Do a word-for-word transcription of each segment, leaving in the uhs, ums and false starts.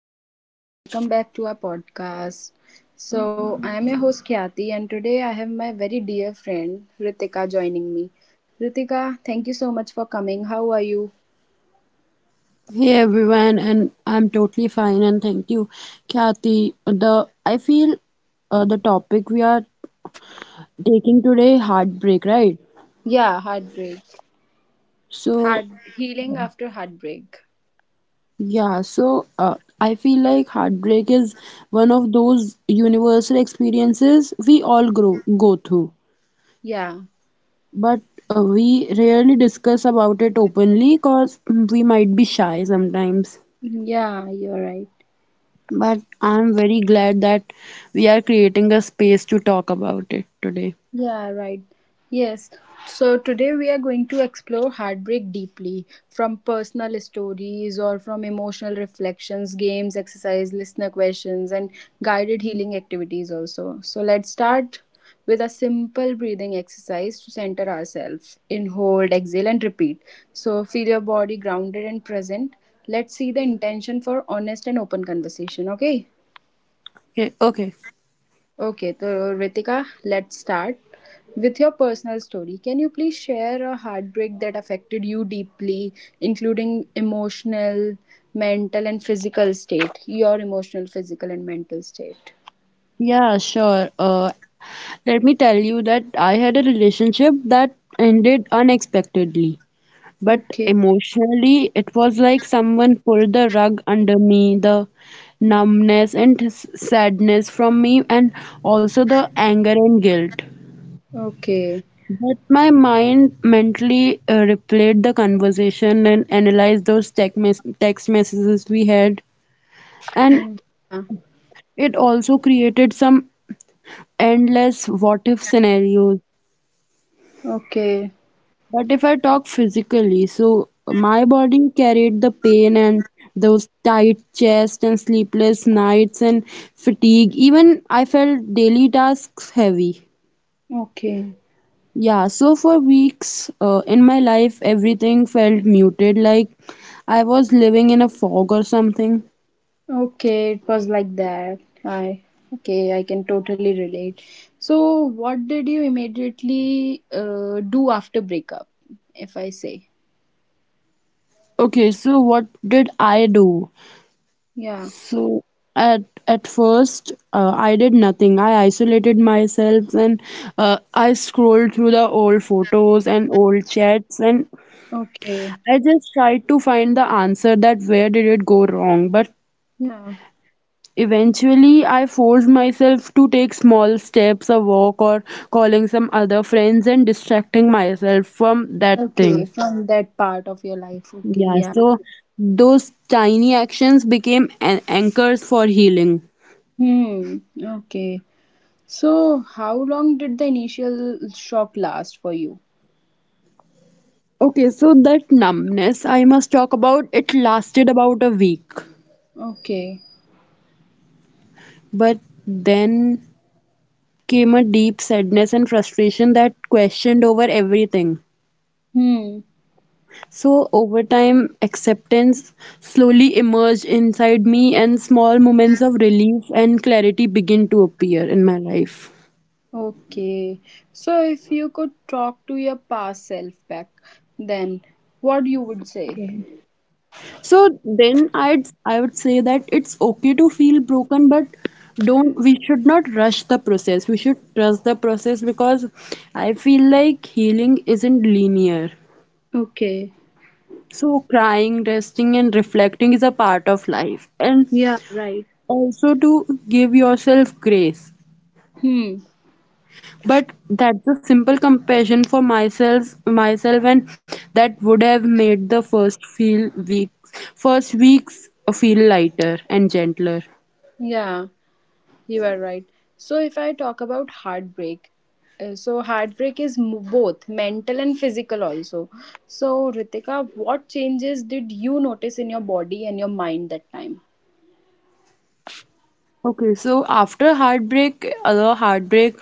everyone, welcome back to our podcast. So, I am your host Khyati, and today I have my very dear friend Ritika joining me. Ritika, thank you so much for coming. How are you? Hey everyone, and I'm totally fine, and thank you, Kathy. The I feel uh, the topic we are taking today, heartbreak, right? Yeah, heartbreak. So Heart healing after heartbreak. yeah, so uh, I feel like heartbreak is one of those universal experiences we all grow go through, Yeah. but uh, we rarely discuss about it openly because we might be shy sometimes. Yeah, you're right. But I'm very glad that we are creating a space to talk about it today. Yeah, right. Yes. So today we are going to explore heartbreak deeply from personal stories or from emotional reflections, games, exercise, listener questions, and guided healing activities also. So let's start with a simple breathing exercise to center ourselves. In hold, exhale, and repeat. So feel your body grounded and present. Let's see the intention for honest and open conversation, okay? Okay, okay. Okay, so Ritika, let's start with your personal story. Can you please share a heartbreak that affected you deeply, including emotional, mental, and physical state? Your emotional, physical, and mental state. Yeah, sure. Uh, let me tell you that I had a relationship that ended unexpectedly, but Okay, emotionally, it was like someone pulled the rug under me, the numbness and s- sadness from me, and also the anger and guilt. okay, But my mind mentally uh, replayed the conversation and analyzed those text, mes- text messages we had, and mm, yeah, it also created some endless what if scenarios. okay, But if I talk physically, so my body carried the pain and those tight chest and sleepless nights and fatigue. Even I felt daily tasks heavy. okay, Yeah, so for weeks uh, in my life, everything felt muted, like I was living in a fog or something. okay. It was like that. I okay, I can totally relate. So, what did you immediately uh, do after breakup? If I say, Okay, so what did I do? yeah. So at at first, uh, I did nothing. I isolated myself and uh, I scrolled through the old photos and old chats, and Okay. I just tried to find the answer that where did it go wrong. But Yeah. eventually, I forced myself to take small steps, a walk, or calling some other friends and distracting myself from that thing. Okay. From that part of your life. Okay. Yeah, Yeah. so those tiny actions became an anchors for healing. Hmm. Okay. So, how long did the initial shock last for you? Okay, so that numbness I must talk about, it lasted about a week. Okay. But then came a deep sadness and frustration that questioned over everything. Hmm. So, over time, acceptance slowly emerged inside me, and small moments of relief and clarity began to appear in my life. Okay. So, if you could talk to your past self back, then what you would say? So then I'd I would say that it's okay to feel broken, but don't we should not rush the process. We should trust the process because I feel like healing isn't linear. Okay. So crying, resting and reflecting is a part of life and Yeah. Right. also to give yourself grace. Hmm. But that's a simple compassion for myself myself and that would have made the first feel weeks first weeks feel lighter and gentler. Yeah. You are right. So, if I talk about heartbreak, uh, so heartbreak is m- both mental and physical also. So, Ritika, what changes did you notice in your body and your mind that time? Okay, so after heartbreak, other heartbreak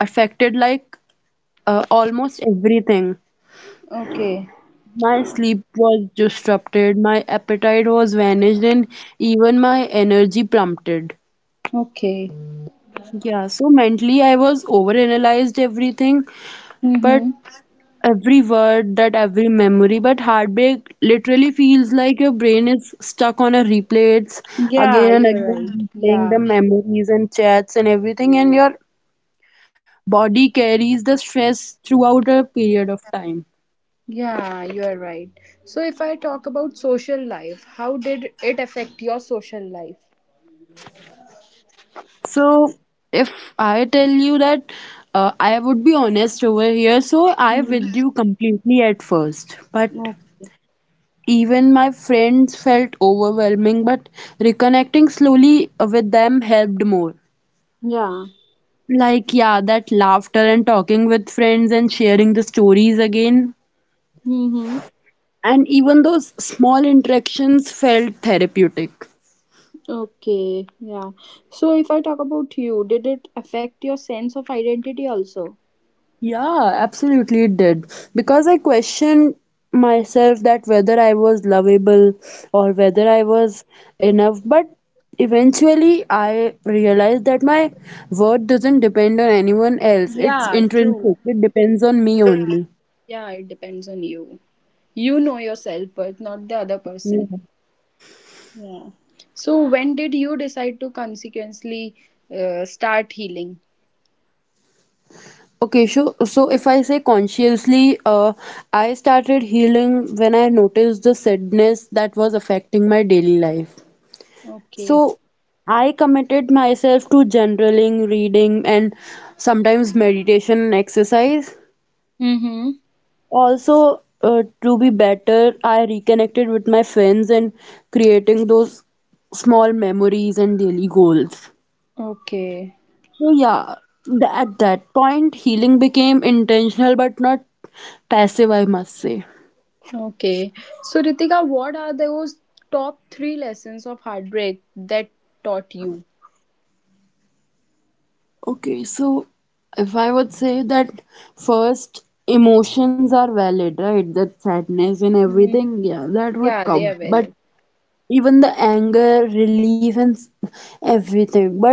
affected like uh, almost everything. Okay. My sleep was disrupted, my appetite was vanished, and even my energy plummeted. Okay. Yeah, so mentally I was overanalyzed everything, but Mm-hmm. every word, that every memory, but heartbreak literally feels like your brain is stuck on a replay. It's Yeah, again and you are right. again replaying the Yeah. memories and chats and everything, and your body carries the stress throughout a period of time. Yeah, you are right. So, if I talk about social life, how did it affect your social life? So, if I tell you that uh, I would be honest over here, so I Mm-hmm. withdrew completely at first, but Okay. even my friends felt overwhelming, but reconnecting slowly with them helped more. Yeah. Like, yeah, that laughter and talking with friends and sharing the stories again. Mm-hmm. And even those small interactions felt therapeutic. Okay, yeah. So if I talk about you, did it affect your sense of identity also? Yeah, absolutely it did. Because I questioned myself that whether I was lovable or whether I was enough. But eventually I realized that my worth doesn't depend on anyone else. It's Yeah, true. intrinsic. It depends on me only. Yeah, it depends on you. You know yourself, but not the other Yeah. person. Yeah. So when did you decide to consequently uh, start healing? Okay, so so if I say consciously, uh, I started healing when I noticed the sadness that was affecting my daily life. Okay. So I committed myself to journaling, reading, and sometimes meditation and exercise. Mm-hmm. Also, uh, to be better, I reconnected with my friends and creating those small memories and daily goals. Okay. So, yeah, th- at that point, healing became intentional but not passive, I must say. Okay. So Ritika, what are those top three lessons of heartbreak that taught you? Okay, so if I would say that first emotions are valid, right? That sadness and Mhm. everything, yeah, that would Yeah, they come. are But valid. even the anger, relief, and s- everything. But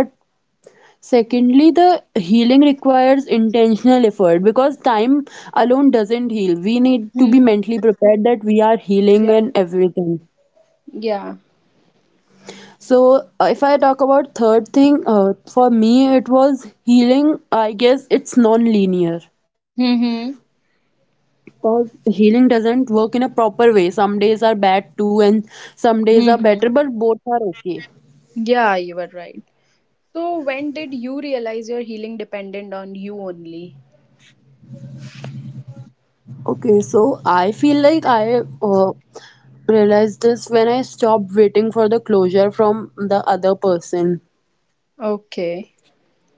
secondly, the healing requires intentional effort because time alone doesn't heal. We need to be Hmm. mentally prepared that we are healing Yeah. and everything. Yeah. So, uh, if I talk about third thing, uh, for me, it was healing. I guess it's non-linear Mm-hmm. because healing doesn't work in a proper way. Some days are bad too, and some days are better, Mm-hmm. but both are okay. Yeah, you were right. So when did you realize your healing depended on you only? Okay, so I feel like I uh, realized this when I stopped waiting for the closure from the other person. Okay.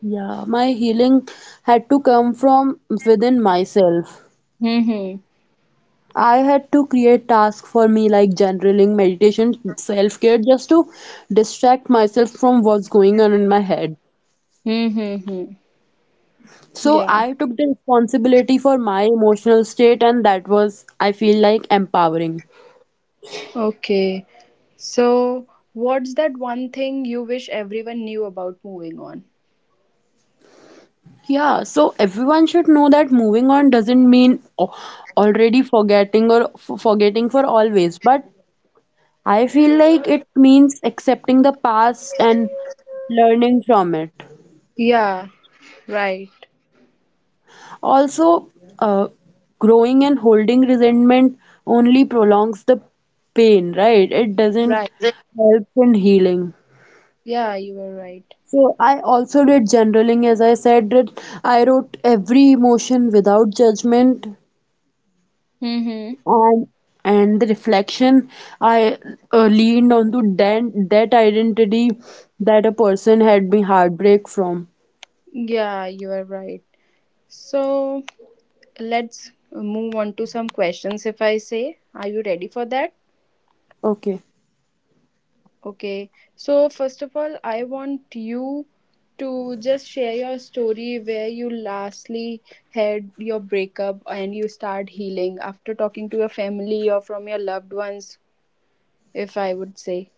Yeah, my healing had to come from within myself. Mm-hmm. I had to create tasks for me like journaling, meditation, self care, just to distract myself from what's going on in my head. Mm-hmm. So Yeah. I took the responsibility for my emotional state, and that was, I feel like, empowering. Okay. So what's that one thing you wish everyone knew about moving on? Yeah, so everyone should know that moving on doesn't mean o- already forgetting or f- forgetting for always, but I feel like it means accepting the past and learning from it. Yeah, right. Also, uh, growing and holding resentment only prolongs the pain, right? It doesn't Right. help in healing. Yeah, you were right. So I also did journaling, as I said that I wrote every emotion without judgment Mm-hmm. and and the reflection. I uh, leaned onto that that identity that a person had been heartbreak from. Yeah, you are right. So let's move on to some questions if I say. Are you ready for that? Okay. Okay, so first of all, I want you to just share your story where you lastly had your breakup and you start healing after talking to your family or from your loved ones, if I would say.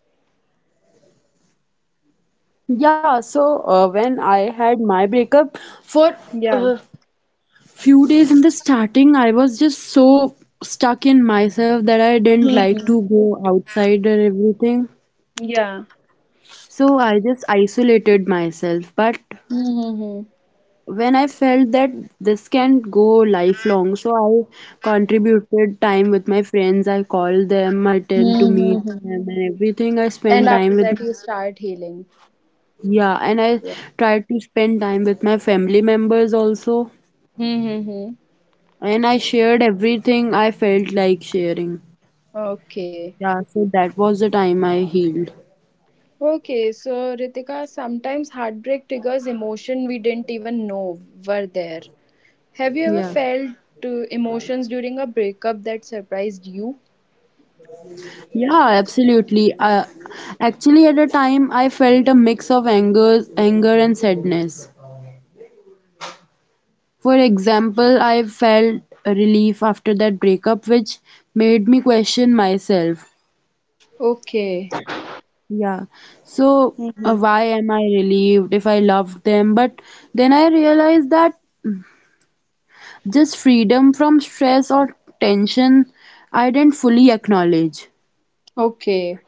Yeah, so uh, when I had my breakup for Yeah. few days in the starting, I was just so stuck in myself that I didn't like Mhm. to go outside or everything. Yeah. So I just isolated myself, but Mm-hmm. when I felt that this can go lifelong, so I contributed time with my friends. I called them, I tend to meet Mm-hmm. them, and everything. I spent And time after with, that, you start healing. yeah, and I tried to spend time with my family members also. Mm-hmm. And I shared everything I felt like sharing. Okay. Yeah, so that was the time I healed. Okay, so Ritika, sometimes heartbreak triggers emotion we didn't even know were there. Have you ever Yeah. felt uh, emotions during a breakup that surprised you? Yeah, absolutely. Uh, actually, at a time, I felt a mix of anger, anger and sadness. For example, I felt relief after that breakup, which made me question myself. Okay. Yeah. So, uh, Mm-hmm. why am I relieved if I loved them? But then I realized that just freedom from stress or tension I didn't fully acknowledge. Okay.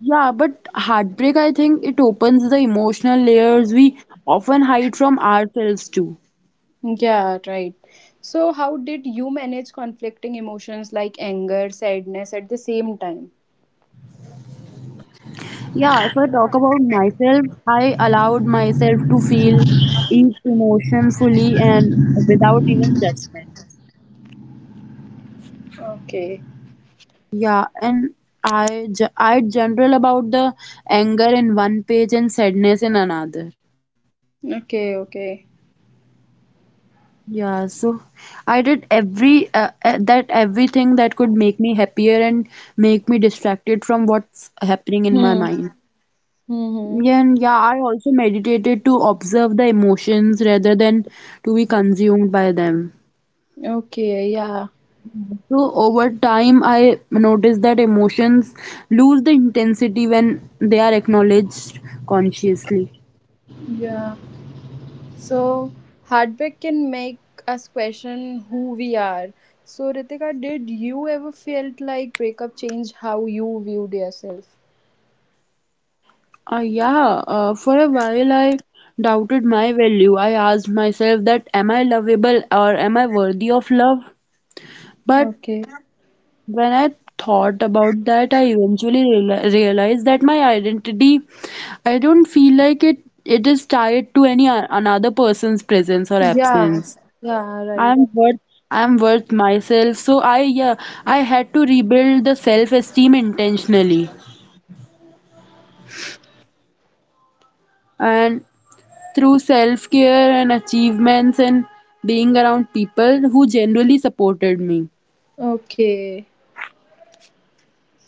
Yeah, but heartbreak, I think it opens the emotional layers we often hide from ourselves too. Yeah, right. So, how did you manage conflicting emotions like anger, sadness at the same time? Yeah, if I talk about myself, I allowed myself to feel each emotion fully and without even judgment. Okay. Yeah, and I ge- I general about the anger in one page and sadness in another. Okay, okay. Yeah, so I did every uh, uh, that everything that could make me happier and make me distracted from what's happening in my mind. Hmm. Yeah, and Mm-hmm. yeah, I also meditated to observe the emotions rather than to be consumed by them. Okay, yeah. So over time, I noticed that emotions lose the intensity when they are acknowledged consciously. Yeah. So, heartbreak can make us question who we are. So, Ritika, did you ever felt like breakup changed how you viewed yourself? Uh, yeah, uh, for a while I doubted my value. I asked myself that am I lovable or am I worthy of love? But Okay. when I thought about that, I eventually reali realized that my identity, I don't feel like it, it is tied to any a- another person's presence or Yeah. absence. Yeah, right. I'm worth, I'm worth myself. So I, yeah, I had to rebuild the self-esteem intentionally. And through self-care and achievements and being around people who generally supported me. Okay.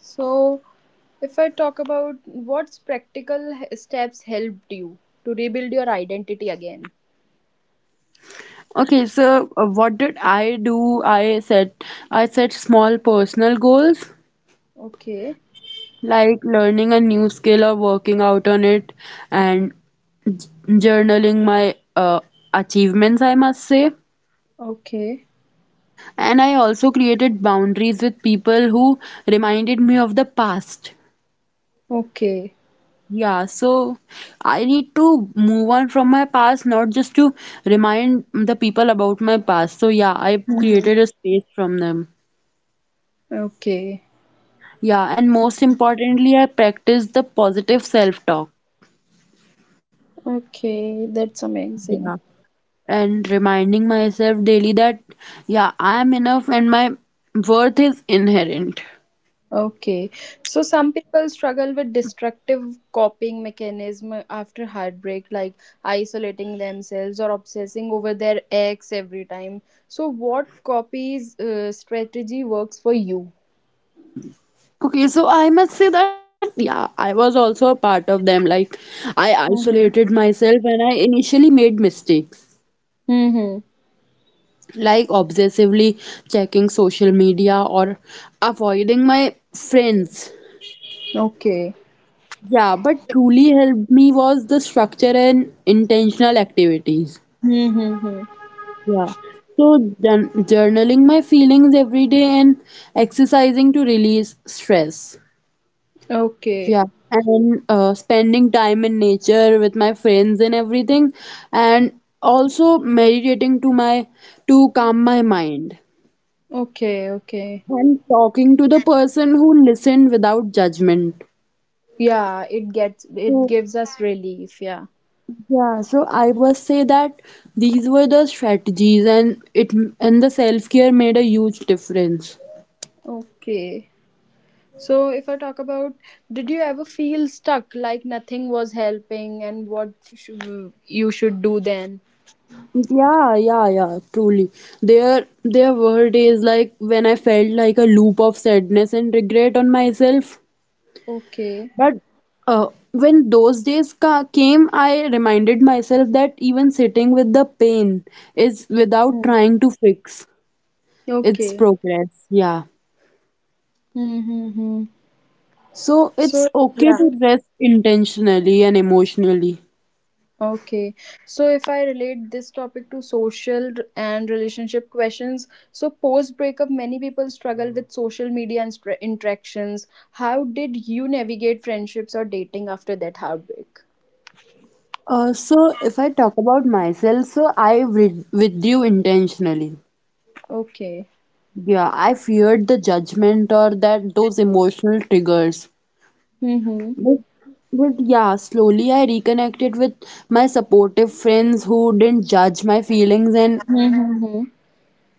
So, if I talk about what's practical h- steps helped you to rebuild your identity again. Okay, so uh, what did I do? I set I set small personal goals Okay. like learning a new skill or working out on it and j- journaling my uh, achievements, I must say. Okay. And I also created boundaries with people who reminded me of the past. Okay. Yeah, so I need to move on from my past, not just to remind the people about my past. So, yeah, I Mhm. created a space from them. Okay. Yeah, and most importantly, I practiced the positive self-talk. Okay. That's amazing. And reminding myself daily that yeah, I am enough and my worth is inherent. Okay. So some people struggle with destructive coping mechanism after heartbreak, like isolating themselves or obsessing over their ex every time. So what copies uh, strategy works for you? Okay, so I must say that yeah, I was also a part of them, like I isolated Mm-hmm. myself and I initially made mistakes Mm-hmm. like obsessively checking social media or avoiding my friends. Okay. Yeah, but truly helped me was the structure and intentional activities. Mm-hmm. Yeah. So jour- journaling my feelings every day and exercising to release stress. Okay. Yeah. And uh, spending time in nature with my friends and everything. And also meditating to my to calm my mind. Okay. Okay. And talking to the person who listened without judgment. Yeah, it gets it So gives us relief, yeah. yeah, so I was say that these were the strategies and it and the self-care made a huge difference. Okay. So, if I talk about, did you ever feel stuck, like nothing was helping, and what shou- you should do then? Yeah, yeah, yeah, truly. Their their word is like when I felt like a loop of sadness and regret on myself. Okay. But uh, when those days ca came, I reminded myself that even sitting with the pain is without Hmm. trying to fix its Okay. progress. Yeah. Mm-hmm. So it's So, okay yeah. to rest intentionally and emotionally. Okay. So, if I relate this topic to social r- and relationship questions, so post breakup, many people struggle with social media and stra- interactions. How did you navigate friendships or dating after that heartbreak? Uh, so if I talk about myself, so I with withdrew intentionally. Okay. Yeah, I feared the judgment or that those emotional triggers. Mm-hmm. But, but yeah, slowly I reconnected with my supportive friends who didn't judge my feelings, and Mm-hmm.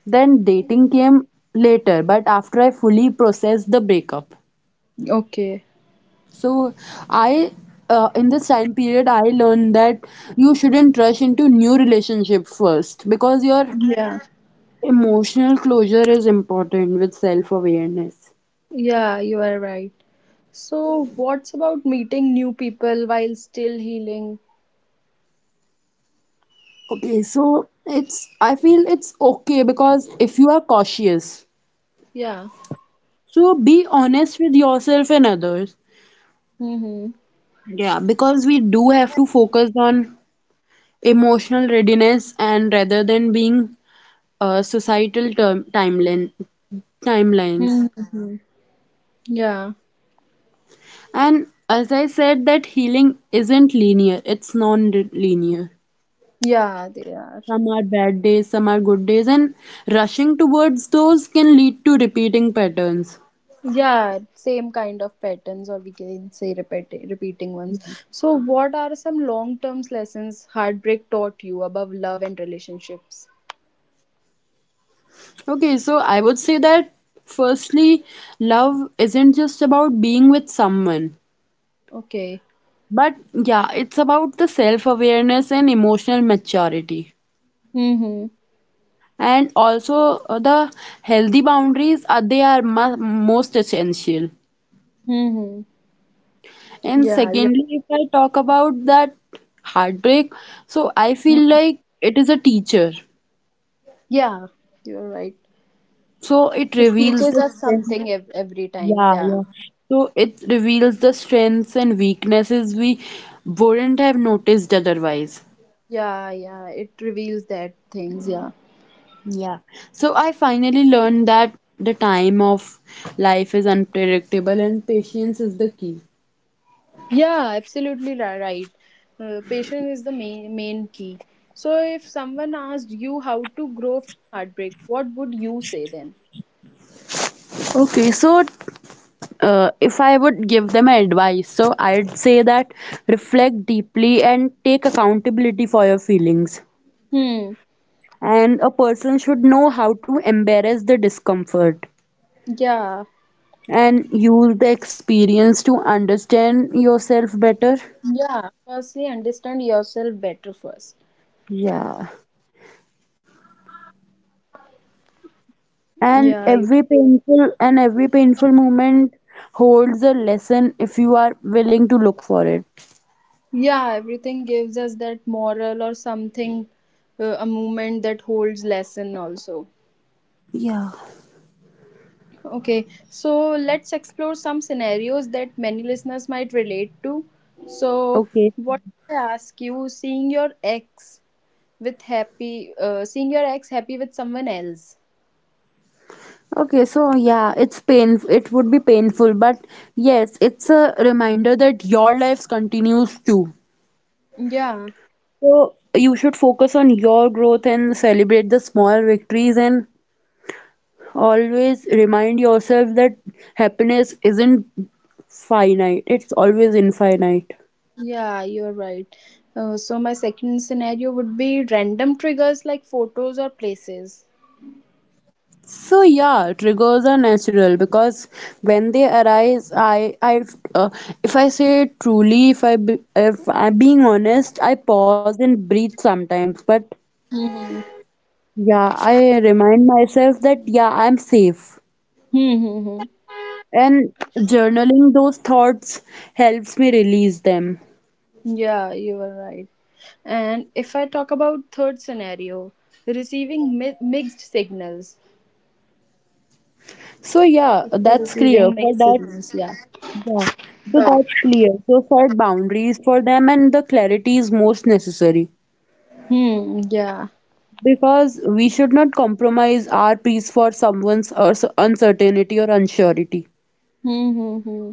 then dating came later, but after I fully processed the breakup. Okay. So I uh, in this time period I learned that you shouldn't rush into new relationship first because your Yeah. emotional closure is important with self awareness. Yeah, you are right. So, what's about meeting new people while still healing? Okay, so it's, I feel it's okay because if you are cautious, Yeah. so be honest with yourself and others. Mm-hmm. Yeah, because we do have to focus on emotional readiness and rather than being uh, societal term timeline timelines. Mm-hmm. Yeah. And as I said, that healing isn't linear, it's non-linear. Yeah, they are. Some are bad days, some are good days, and rushing towards those can lead to repeating patterns. Yeah, same kind of patterns, or we can say repeat, repeating ones. So, what are some long term lessons heartbreak taught you above love and relationships? Okay, so I would say that firstly, love isn't just about being with someone, Okay. but yeah, it's about the self-awareness and emotional maturity. Mm-hmm. And also uh, the healthy boundaries are they are mu- most essential. Mm-hmm. And Yeah, you. secondly, if I talk about that heartbreak, so I feel like it is a teacher. Yeah, you're right. So it It reveals teaches the us strength. something ev- every time. Yeah, Yeah. yeah. So it reveals the strengths and weaknesses we wouldn't have noticed otherwise. Yeah, yeah, it reveals that things. Yeah, Yeah. So I finally learned that the time of life is unpredictable and patience is the key. yeah, absolutely ri- right. Uh, patience is the main main key. So, if someone asked you how to grow from heartbreak, what would you say then? Okay, so uh, if I would give them advice, so I'd say that reflect deeply and take accountability for your feelings. Hmm. And a person should know how to embrace the discomfort, Yeah, and use the experience to understand yourself better. yeah. Firstly, understand yourself better first. Yeah. And Yeah, you, every painful and every painful moment holds a lesson if you are willing to look for it. yeah. Everything gives us that moral or something, uh, a moment that holds lesson also. Yeah. Okay, so let's explore some scenarios that many listeners might relate to. So, Okay. what I ask you, seeing your ex with happy, uh, seeing your ex happy with someone else. Okay, so yeah, it's pain it would be painful, but yes, it's a reminder that your life continues too. Yeah, So you should focus on your growth and celebrate the small victories, and always remind yourself that happiness isn't finite, it's always infinite. yeah, you're right. Uh, so my second scenario would be random triggers like photos or places. So yeah, triggers are natural because when they arise, I I uh, if I say truly, if I be, if I'm being honest, I pause and breathe sometimes. But Mm-hmm. yeah, I remind myself that yeah, I'm safe, Mm-hmm. and journaling those thoughts helps me release them. Yeah, you are right. And if I talk about third scenario, receiving mi- mixed signals. So yeah, If you're that's clear. receiving For mixed that, signals, yeah. yeah, so that's clear. So set boundaries for them, and the clarity is most necessary Hmm, yeah. because we should not compromise our peace for someone's uh, uncertainty or unsurety. Hmm, hmm, hmm.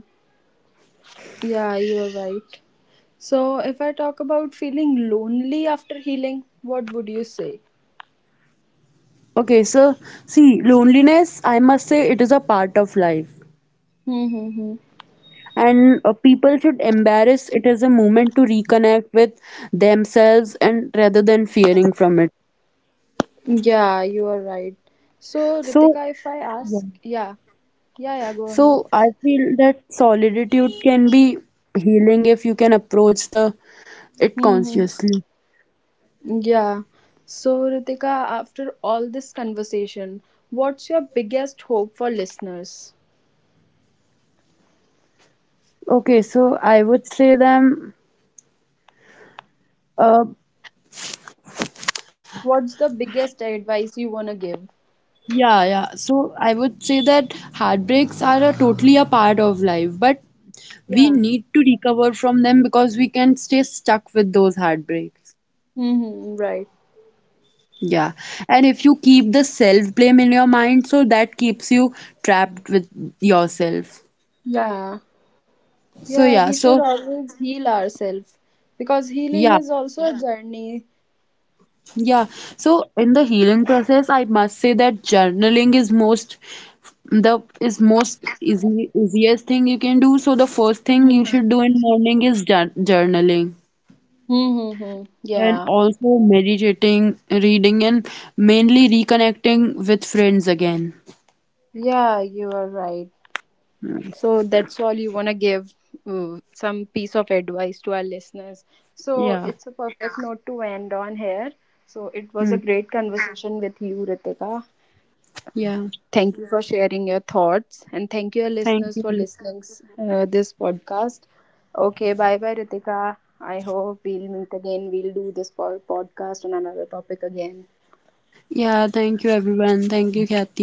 Yeah, you're right. So, if I talk about feeling lonely after healing, what would you say? Okay, so see, loneliness, I must say, it is a part of life, Hmm, hmm, hmm. and uh, people should embrace it as a moment to reconnect with themselves and rather than fearing from it. Yeah, you are right. So, So Ritika, if I ask, yeah, yeah, yeah, go so ahead. I feel that solitude can be healing if you can approach the it Hmm, hmm. consciously. Yeah. So, Ritika, after all this conversation, what's your biggest hope for listeners? Okay, so I would say them uh What's the biggest advice you want to give? yeah, yeah. So I would say that heartbreaks are a totally a part of life, but we Yeah. need to recover from them because we can stay stuck with those heartbreaks. Mm-hmm, right. Yeah. And if you keep the self-blame in your mind, so that keeps you trapped with yourself. Yeah, So yeah, yeah, we should so always heal ourselves because healing yeah. is also a yeah journey. Yeah, so in the healing process, I must say that journaling is most the is most easy easiest thing you can do. So the first thing you should do in morning is jour- journaling Mm-hmm. and Yeah, also meditating, reading, and mainly reconnecting with friends again. yeah, you are right. Mm. So that's all you want to give mm, some piece of advice to our listeners. So Yeah. it's a perfect note to end on here. So it was a Mm. great conversation with you, Ritika. Yeah. Thank you for sharing your thoughts, and thank you, our Thank listeners, you. for listening uh, this podcast. Okay, bye bye, Ritika. I hope we'll meet again. We'll do this po- podcast on another topic again. Yeah, thank you everyone. Thank you, Kathy.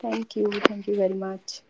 Thank you. Thank you very much.